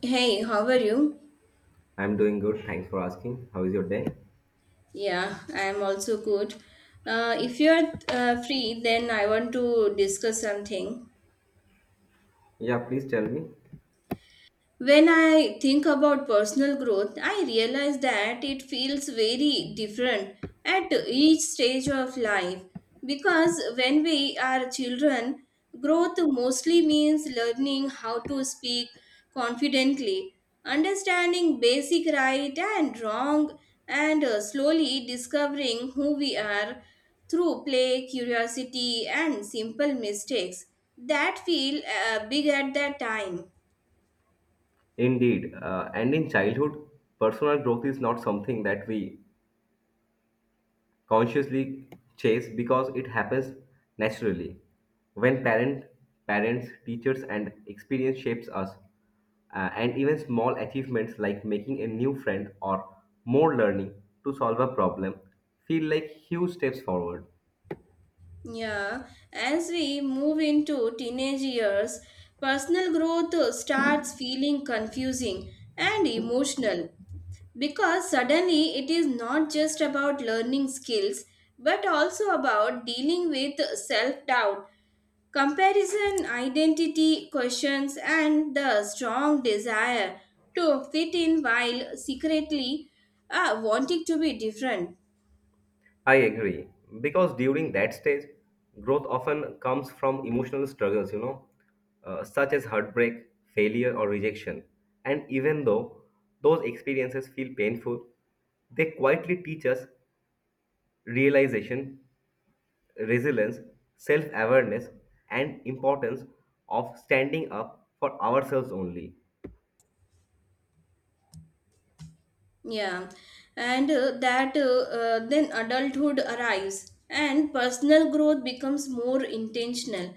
Hey, how are you? I'm doing good. Thanks for asking. How is your day? Yeah, I am also good. If you are free, then I want to discuss something. Yeah, please tell me. When I think about personal growth, I realize that it feels very different at each stage of life because when we are children, growth mostly means learning how to speak confidently, understanding basic right and wrong, and slowly discovering who we are through play, curiosity, and simple mistakes that feel big at that time. Indeed. And in childhood, personal growth is not something that we consciously chase because it happens naturally. When parents, teachers, and experience shapes us, and even small achievements like making a new friend or more learning to solve a problem feel like huge steps forward. Yeah, as we move into teenage years, personal growth starts feeling confusing and emotional because suddenly it is not just about learning skills but also about dealing with self doubt, comparison, identity questions, and the strong desire to fit in while secretly wanting to be different. I agree. Because during that stage, growth often comes from emotional struggles, such as heartbreak, failure, or rejection. And even though those experiences feel painful, they quietly teach us realization, resilience, self awareness, and importance of standing up for ourselves only. Yeah, and that then adulthood arrives and personal growth becomes more intentional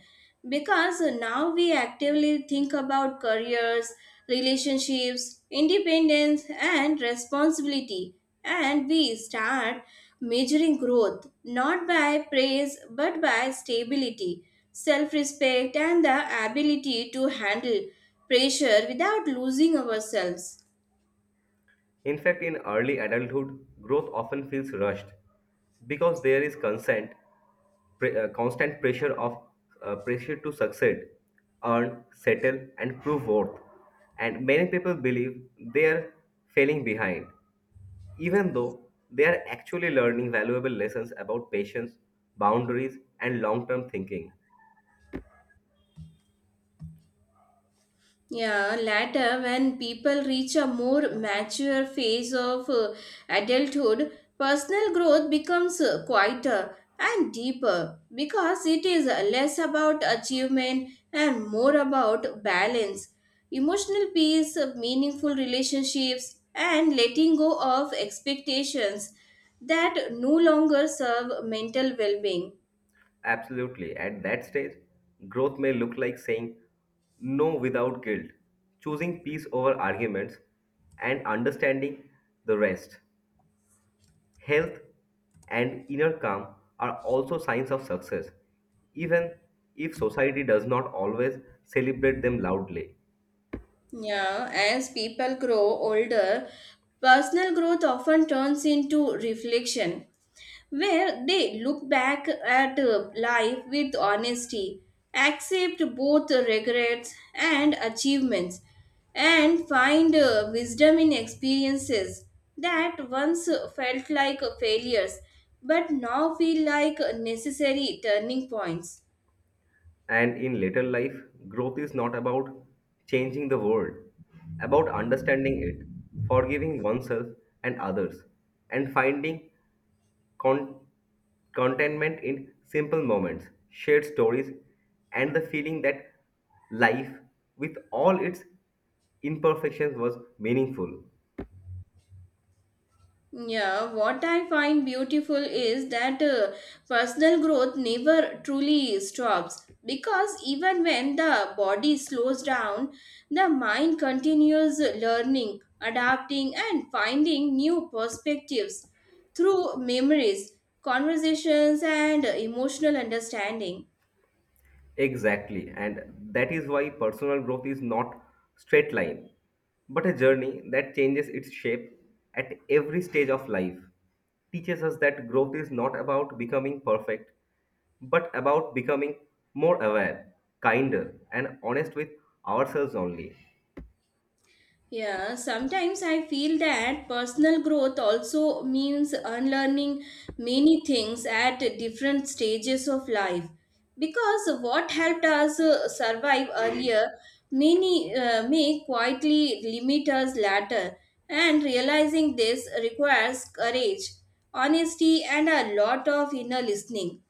because now we actively think about careers, relationships, independence, and responsibility, and we start measuring growth not by praise but by stability, self respect, and the ability to handle pressure without losing ourselves. In fact, in early adulthood, growth often feels rushed because there is consent, constant pressure of pressure to succeed, earn, settle, and prove worth. And many people believe they are falling behind, even though they are actually learning valuable lessons about patience, boundaries, and long-term thinking. Yeah, later, when people reach a more mature phase of adulthood, personal growth becomes quieter and deeper because it is less about achievement and more about balance, emotional peace, meaningful relationships, and letting go of expectations that no longer serve mental well being. Absolutely. At that stage, growth may look like saying no without guilt, choosing peace over arguments, and understanding the rest. Health and inner calm are also signs of success, even if society does not always celebrate them loudly. Yeah, as people grow older, personal growth often turns into reflection, where they look back at life with honesty, accept both regrets and achievements, and find wisdom in experiences that once felt like failures but now feel like necessary turning points. And in later life, growth is not about changing the world, about understanding it, forgiving oneself and others, and finding con- contentment in simple moments, shared stories, and the feeling that life, with all its imperfections, was meaningful. Yeah, what I find beautiful is that personal growth never truly stops because even when the body slows down, the mind continues learning, adapting, and finding new perspectives through memories, conversations, and emotional understanding. Exactly, and that is why personal growth is not straight line, but a journey that changes its shape at every stage of life. Teaches us that growth is not about becoming perfect, but about becoming more aware, kinder, and honest with ourselves only. Yeah, sometimes I feel that personal growth also means unlearning many things at different stages of life. Because what helped us survive earlier many may quietly limit us later, and realizing this requires courage, honesty, and a lot of inner listening.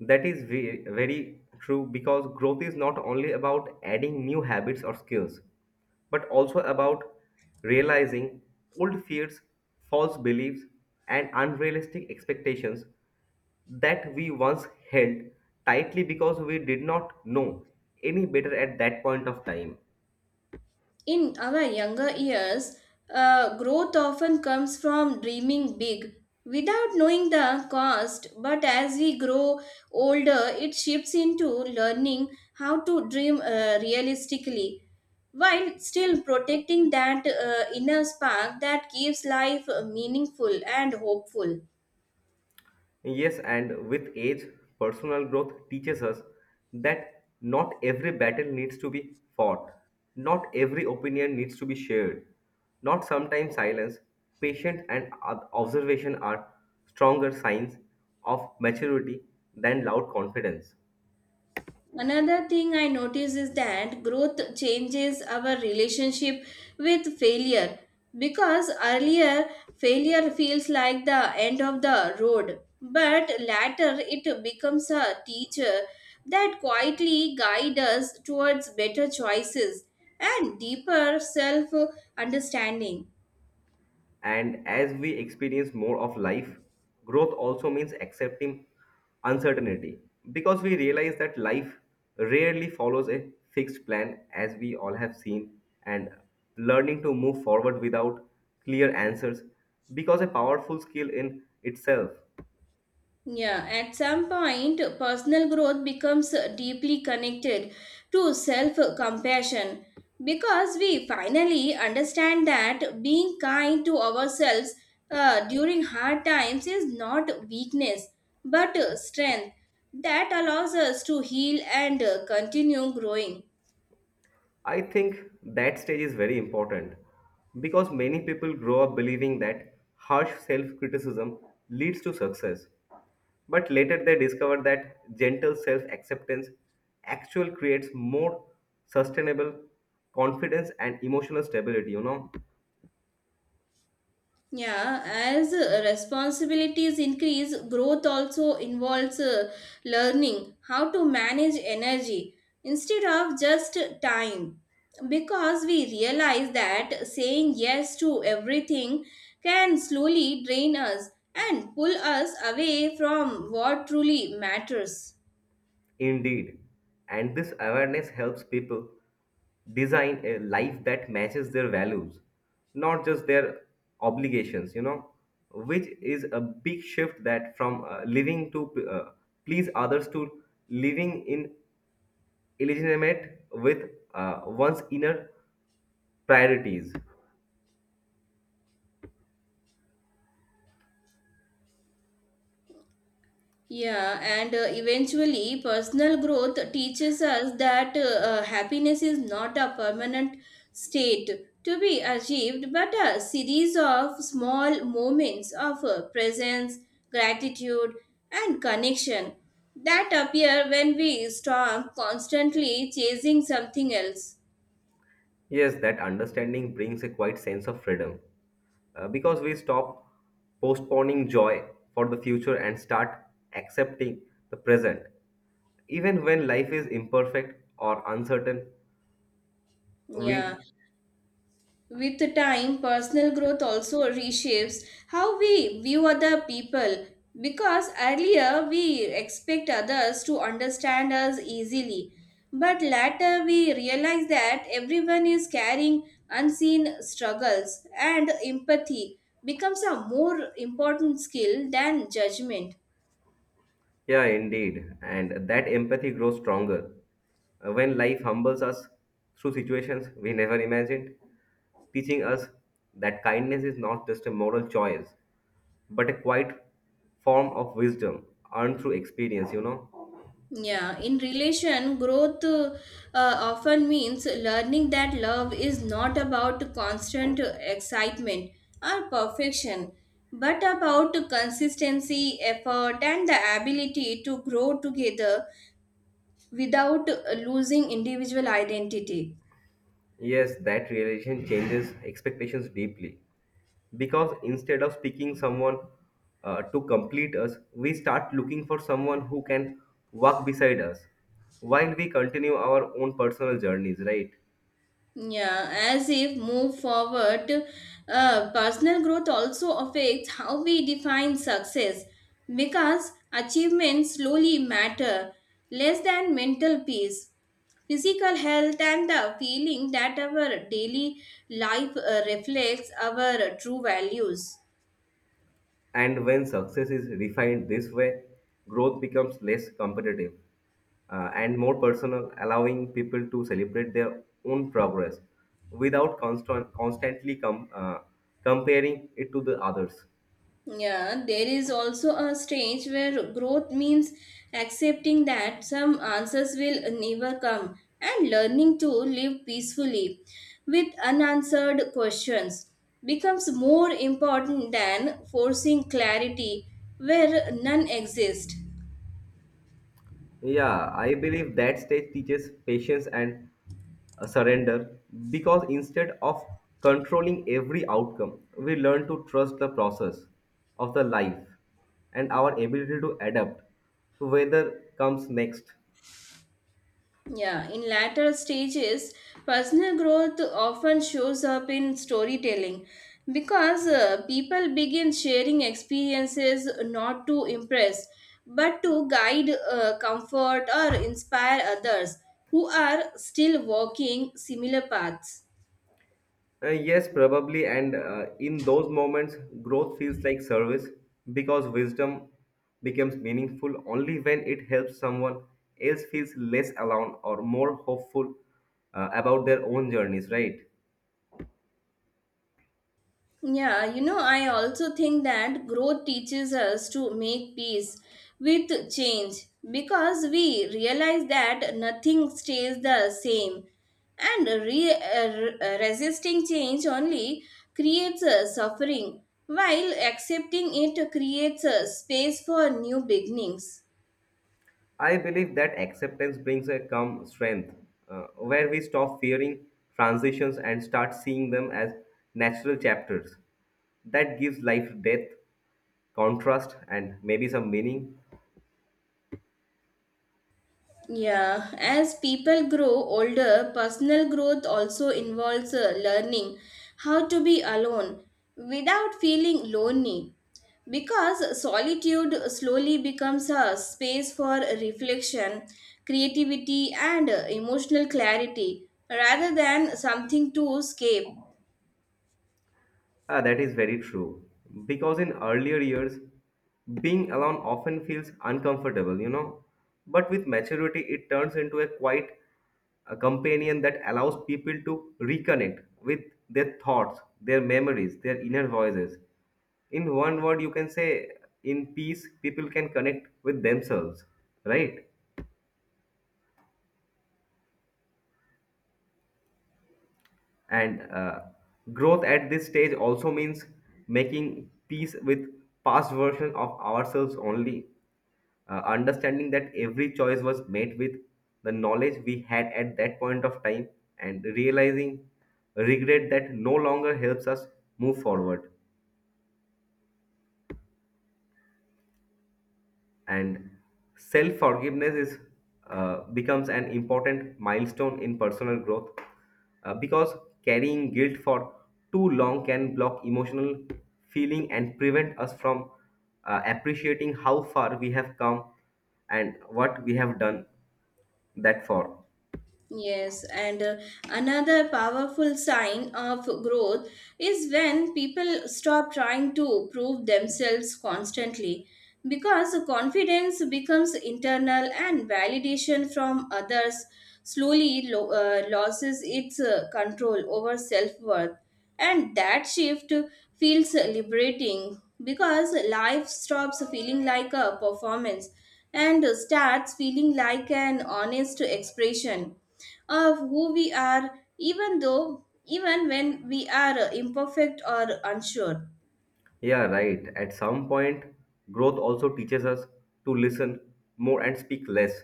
That is very true because growth is not only about adding new habits or skills, but also about realizing old fears, false beliefs, and unrealistic expectations that we once held tightly because we did not know any better at that point of time. In our younger years, growth often comes from dreaming big without knowing the cost, but as we grow older, it shifts into learning how to dream realistically while still protecting that inner spark that keeps life meaningful and hopeful. Yes, and with age, personal growth teaches us that not every battle needs to be fought, not every opinion needs to be shared, not sometimes silence, patience, and observation are stronger signs of maturity than loud confidence. Another thing I notice is that growth changes our relationship with failure because earlier failure feels like the end of the road, but later it becomes a teacher that quietly guides us towards better choices and deeper self understanding. And as we experience more of life, growth also means accepting uncertainty because we realize that life rarely follows a fixed plan, as we all have seen, and learning to move forward without clear answers because a powerful skill in itself. Yeah, at some point, personal growth becomes deeply connected to self compassion because we finally understand that being kind to ourselves during hard times is not weakness but strength that allows us to heal and continue growing. I think that stage is very important because many people grow up believing that harsh self criticism leads to success. But later they discover that gentle self acceptance actually creates more sustainable confidence and emotional stability, you know. Yeah, as responsibilities increase, growth also involves learning how to manage energy instead of just time. Because we realize that saying yes to everything can slowly drain us and pull us away from what truly matters. Indeed, and this awareness helps people design a life that matches their values, not just their obligations, you know, which is a big shift that from living to please others to living in alignment with one's inner priorities. Yeah, and eventually, personal growth teaches us that happiness is not a permanent state to be achieved, but a series of small moments of presence, gratitude, and connection that appear when we stop constantly chasing something else. Yes, that understanding brings a quiet sense of freedom because we stop postponing joy for the future and start accepting the present. Even when life is imperfect or uncertain, Yeah. we, With time, personal growth also reshapes how we view other people because earlier we expect others to understand us easily. But later we realize that everyone is carrying unseen struggles and empathy becomes a more important skill than judgment. yeah, indeed, and that empathy grows stronger when life humbles us through situations we never imagined, teaching us that kindness is not just a moral choice but a quiet form of wisdom earned through experience, you know. Yeah, in relation, growth often means learning that love is not about constant excitement or perfection, but about consistency, effort, and the ability to grow together without losing individual identity. Yes, that realization changes expectations deeply. Because instead of speaking someone to complete us, we start looking for someone who can walk beside us while we continue our own personal journeys, right? Yeah, as if move forward, personal growth also affects how we define success because achievements slowly matter less than mental peace. Physical health and the feeling that our daily life reflects our true values. And when success is refined this way, growth becomes less competitive and more personal, allowing people to celebrate their own progress without constantly comparing it to the others. Yeah, there is also a stage where growth means accepting that some answers will never come and learning to live peacefully with unanswered questions becomes more important than forcing clarity where none exists. Yeah, I believe that stage teaches patience and surrender because instead of controlling every outcome, we learn to trust the process of the life and our ability to adapt to whether comes next. Yeah, in latter stages, personal growth often shows up in storytelling because people begin sharing experiences not to impress but to guide, comfort, or inspire others who are still walking similar paths. Yes, probably, and in those moments, growth feels like service because wisdom becomes meaningful only when it helps someone else feels less alone or more hopeful about their own journeys, right? Yeah, you know, I also think that growth teaches us to make peace with change because we realize that nothing stays the same and resisting change only creates suffering while accepting it creates a space for new beginnings. I believe that acceptance brings a calm strength, where we stop fearing transitions and start seeing them as natural chapters. That gives life depth, contrast, and maybe some meaning. Yeah, as people grow older, personal growth also involves learning how to be alone without feeling lonely. Because solitude slowly becomes a space for reflection, creativity, and emotional clarity rather than something to escape. Ah, that is very true. Because in earlier years, being alone often feels uncomfortable, you know. But with maturity, it turns into a quiet a companion that allows people to reconnect with their thoughts, their memories, their inner voices. In one word, you can say, in peace, people can connect with themselves, right? And growth at this stage also means making peace with past version of ourselves only, understanding that every choice was made with the knowledge we had at that point of time and realizing regret that no longer helps us move forward. And self forgiveness is becomes an important milestone in personal growth because carrying guilt for too long can block emotional feeling and prevent us from appreciating how far we have come and what we have done that for. Yes, and another powerful sign of growth is when people stop trying to prove themselves constantly because confidence becomes internal and validation from others slowly loses its control over self worth. And that shift feels liberating because life stops feeling like a performance and starts feeling like an honest expression of who we are even when we are imperfect or unsure. Yeah, right. At some point, growth also teaches us to listen more and speak less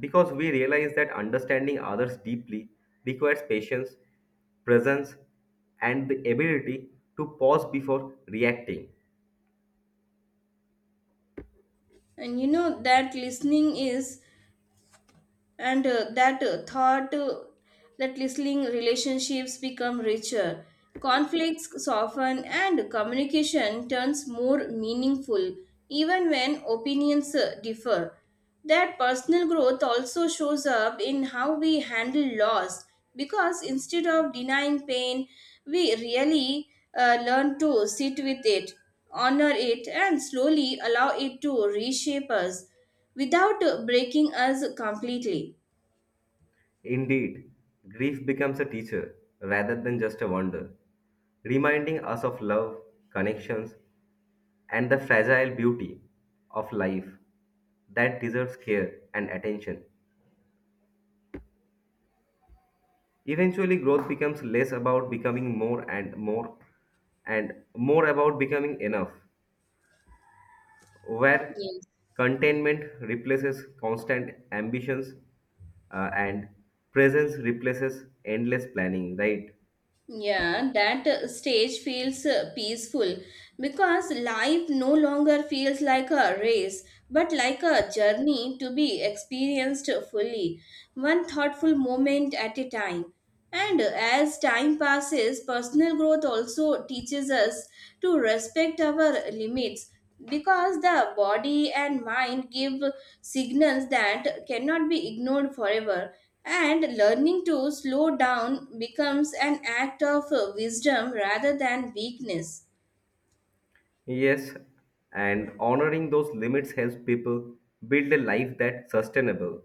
because we realize that understanding others deeply requires patience, presence, and the ability to pause before reacting. And you know that listening is and that thought that listening relationships become richer, conflicts soften, and communication turns more meaningful even when opinions differ. That personal growth also shows up in how we handle loss because instead of denying pain we really learn to sit with it, honor it, and slowly allow it to reshape us without breaking us completely. Indeed, grief becomes a teacher rather than just a wonder, reminding us of love, connections, and the fragile beauty of life that deserves care and attention. Eventually, growth becomes less about becoming more and more and more about becoming enough, where Yes. containment replaces constant ambitions and presence replaces endless planning, right? Yeah, that stage feels peaceful because life no longer feels like a race but like a journey to be experienced fully, one thoughtful moment at a time. And as time passes, personal growth also teaches us to respect our limits because the body and mind give signals that cannot be ignored forever and learning to slow down becomes an act of wisdom rather than weakness. Yes, and honoring those limits helps people build a life that's sustainable,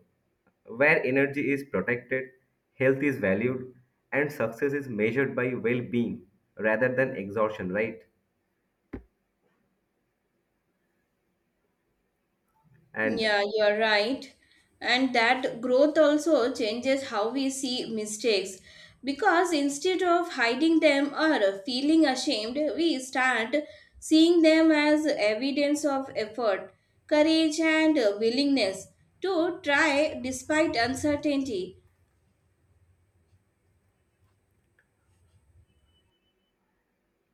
where energy is protected, health is valued, and success is measured by well being rather than exhaustion, right? And Yeah, you are right. And that growth also changes how we see mistakes because instead of hiding them or feeling ashamed, we start seeing them as evidence of effort, courage, and willingness to try despite uncertainty.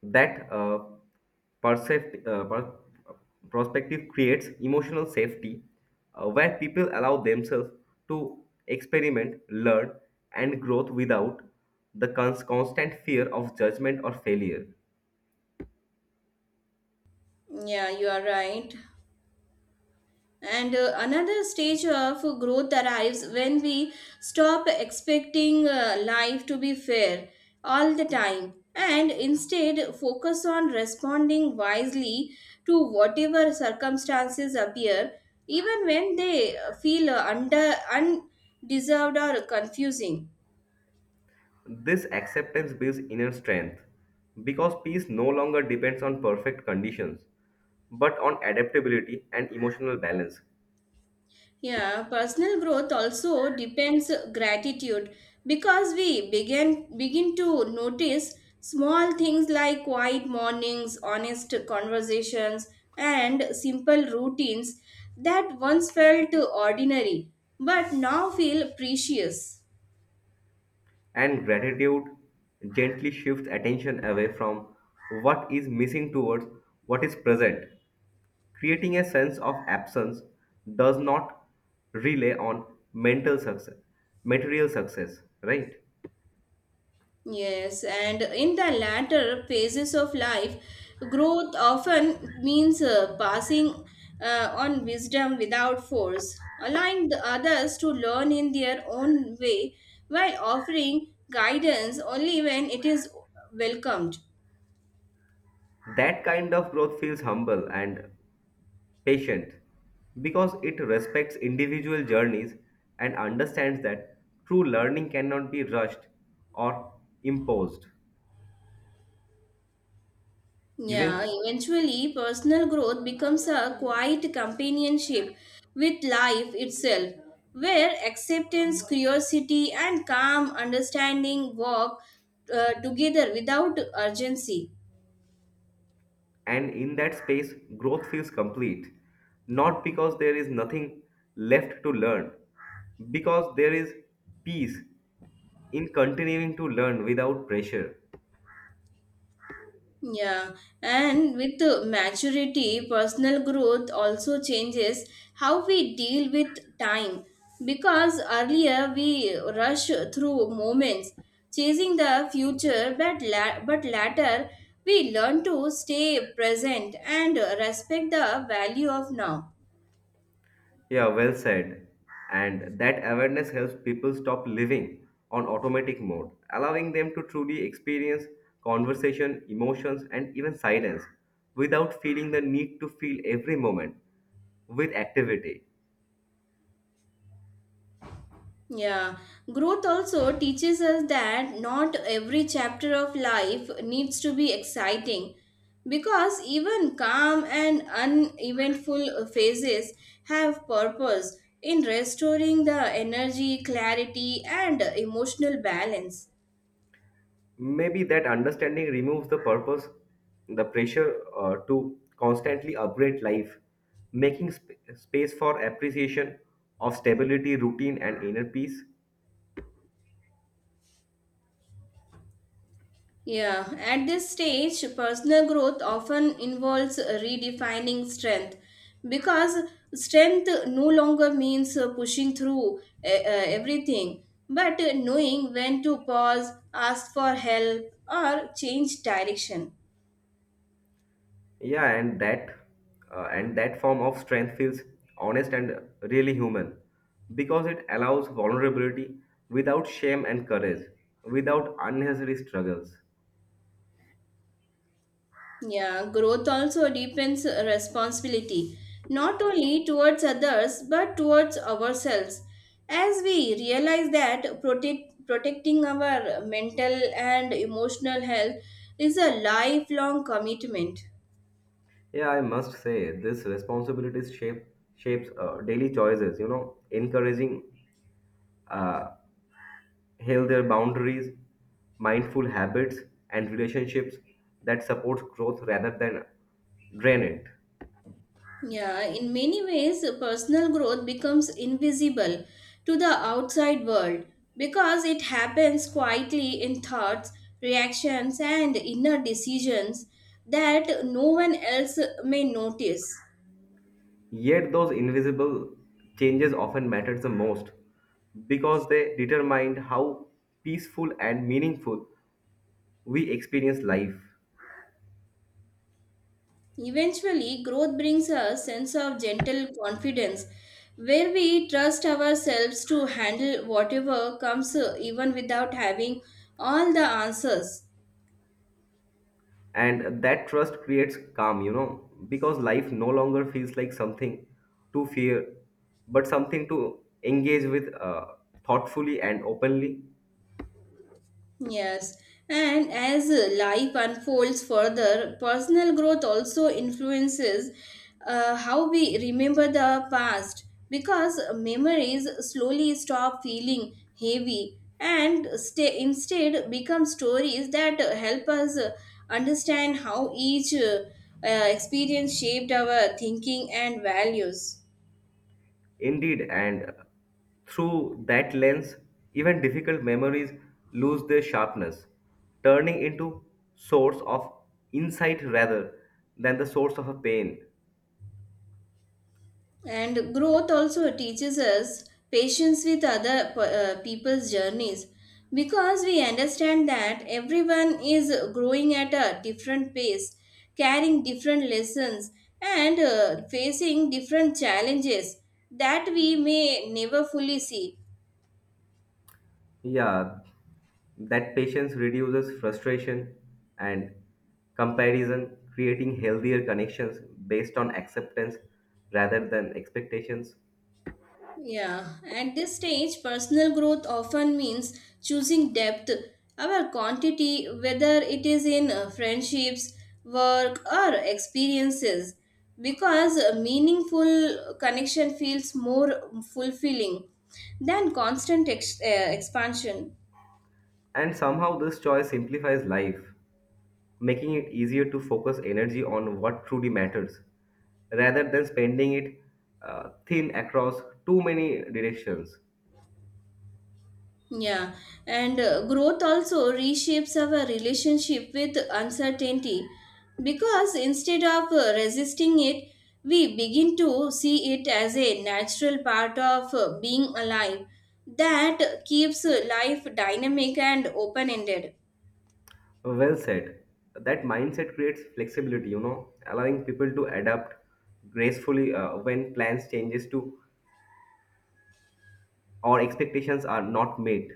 that percept, uh, per- perspective creates emotional safety where people allow themselves to experiment, learn, and growth without the constant fear of judgment or failure. Yeah, you are right. And another stage of growth arrives when we stop expecting life to be fair all the time and instead focus on responding wisely to whatever circumstances appear, even when they feel under undeserved or confusing. This acceptance builds inner strength because peace no longer depends on perfect conditions but on adaptability and emotional balance. Yeah, personal growth also depends gratitude because we begin to notice small things like quiet mornings, honest conversations, and simple routines that once felt ordinary but now feel precious. And gratitude gently shifts attention away from what is missing towards what is present. Creating a sense of absence does not rely on mental success, material success, right? Yes, and in the latter phases of life, growth often means passing on wisdom without force, allowing the others to learn in their own way while offering guidance only when it is welcomed. That kind of growth feels humble and patient because it respects individual journeys and understands that true learning cannot be rushed or imposed. Yeah, Even eventually personal growth becomes a quiet companionship with life itself, where acceptance, curiosity, and calm understanding walk together without urgency. and in that space, growth feels complete, not because there is nothing left to learn, because there is peace in continuing to learn without pressure. Yeah, and with the maturity, personal growth also changes how we deal with time. Because earlier we rush through moments, chasing the future, but, later we learn to stay present and respect the value of now. Yeah, well said. And that awareness helps people stop living on automatic mode, allowing them to truly experience conversation, emotions, and even silence without feeling the need to feel every moment with activity. Yeah, growth also teaches us that not every chapter of life needs to be exciting because even calm and uneventful phases have purpose in restoring the energy, clarity, and emotional balance. Maybe that understanding removes the purpose, the pressure to constantly upgrade life, making space for appreciation of stability, routine, and inner peace. Yeah, at this stage, personal growth often involves redefining strength because strength no longer means pushing through everything, but knowing when to pause, ask for help, or change direction. Yeah, and that form of strength feels honest and really human because it allows vulnerability without shame and courage, without unnecessary struggles. Yeah, growth also deepens responsibility, not only towards others but towards ourselves. As we realize that protecting our mental and emotional health is a lifelong commitment. Yeah, I must say this responsibilities shapes daily choices. You know, encouraging uh, heal their boundaries, mindful habits, and relationships that supports growth rather than drain it. Yeah, in many ways, personal growth becomes invisible to the outside world because it happens quietly in thoughts, reactions, and inner decisions that no one else may notice. Yet those invisible changes often matter the most because they determine how peaceful and meaningful we experience life. Eventually, growth brings a sense of gentle confidence where we trust ourselves to handle whatever comes, even without having all the answers. And that trust creates calm, you know, because life no longer feels like something to fear, but something to engage with thoughtfully and openly. Yes, and as life unfolds further, personal growth also influences how we remember the past because memories slowly stop feeling heavy and stay, instead become stories that help us understand how each experience shaped our thinking and values. Indeed, and through that lens, even difficult memories lose their sharpness, turning into source of insight rather than the source of a pain. And growth also teaches us patience with people's journeys because we understand that everyone is growing at a different pace, carrying different lessons, and facing different challenges that we may never fully see. Yeah, that patience reduces frustration and comparison, creating healthier connections based on acceptance rather than expectations. Yeah, at this stage, personal growth often means choosing depth over quantity, whether it is in friendships, work, or experiences, because a meaningful connection feels more fulfilling than constant expansion. And somehow this choice simplifies life. Making it easier to focus energy on what truly matters rather than spending it thin across too many directions. Yeah, and growth also reshapes our relationship with uncertainty because instead of resisting it, we begin to see it as a natural part of being alive that keeps life dynamic and open ended. Well said. That mindset creates flexibility, you know, allowing people to adapt gracefully when plans changes to or expectations are not met.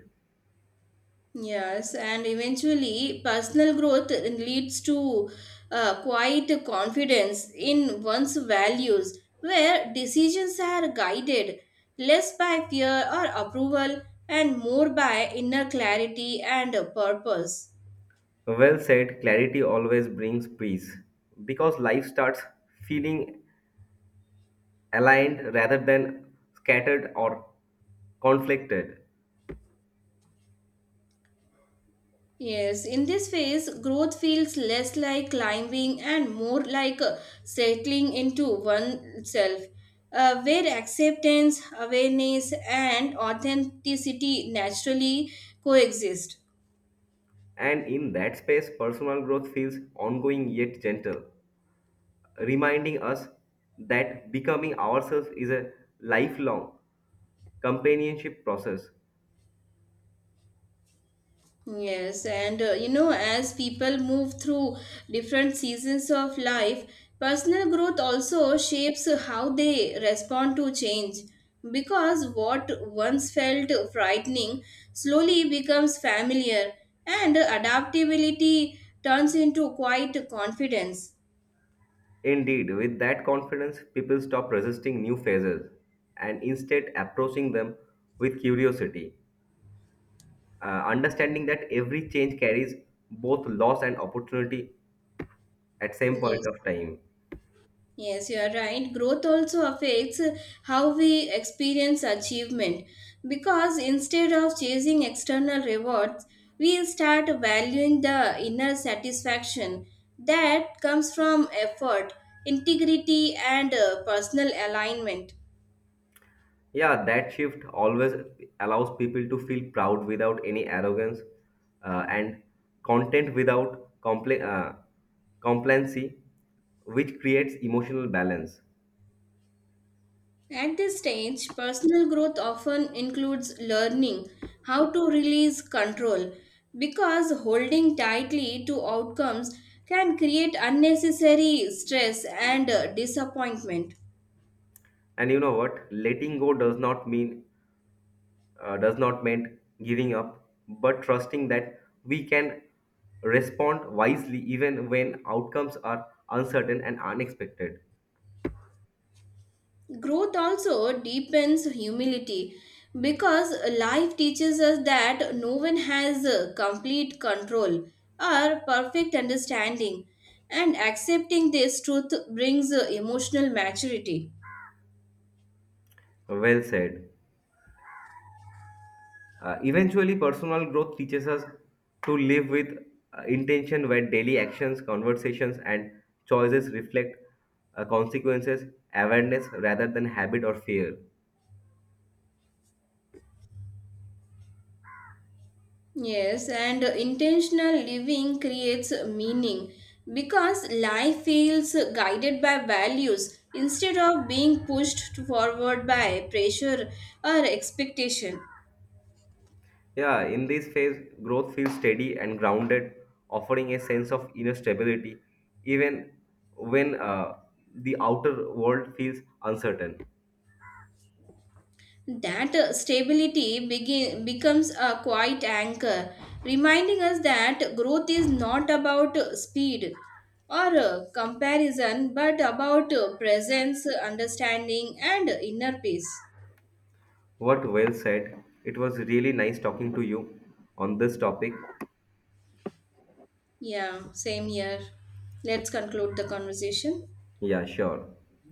Yes, and eventually, personal growth leads to quite confidence in one's values, where decisions are guided less by fear or approval and more by inner clarity and purpose. Well said, clarity always brings peace because life starts feeling aligned rather than scattered or conflicted. Yes, in this phase, growth feels less like climbing and more like settling into oneself, where acceptance, awareness, and authenticity naturally coexist. And in that space, personal growth feels ongoing yet gentle, reminding us that becoming ourselves is a lifelong companionship process. Yes, and you know, as people move through different seasons of life, personal growth also shapes how they respond to change. Because what once felt frightening slowly becomes familiar, and adaptability turns into quite confidence. Indeed, with that confidence, people stop resisting new phases and instead approaching them with curiosity, understanding that every change carries both loss and opportunity at same point Yes. of time. Yes, you are right. Growth also affects how we experience achievement because instead of chasing external rewards, we start valuing the inner satisfaction that comes from effort, integrity, and personal alignment. Yeah, that shift always allows people to feel proud without any arrogance and content without complacency, which creates emotional balance. At this stage, personal growth often includes learning how to release control because holding tightly to outcomes can create unnecessary stress and disappointment. And you know what? Letting go does not mean giving up, but trusting that we can respond wisely even when outcomes are uncertain and unexpected. Growth also deepens humility because life teaches us that no one has complete control or perfect understanding, and accepting this truth brings emotional maturity. Well said. Eventually, personal growth teaches us to live with intention where daily actions, conversations, and choices reflect consequences, awareness rather than habit or fear. Yes, and intentional living creates meaning because life feels guided by values instead of being pushed forward by pressure or expectation. Yeah, in this phase, growth feels steady and grounded, offering a sense of inner stability, even when the outer world feels uncertain. That stability becomes a quiet anchor, reminding us that growth is not about speed or comparison but about presence, understanding, and inner peace. What well said. It was really nice talking to you on this topic. Yeah, same here. Let's conclude the conversation. Yeah, sure.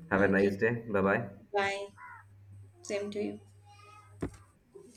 Have a Okay. nice day. Bye bye. Bye. Same to you.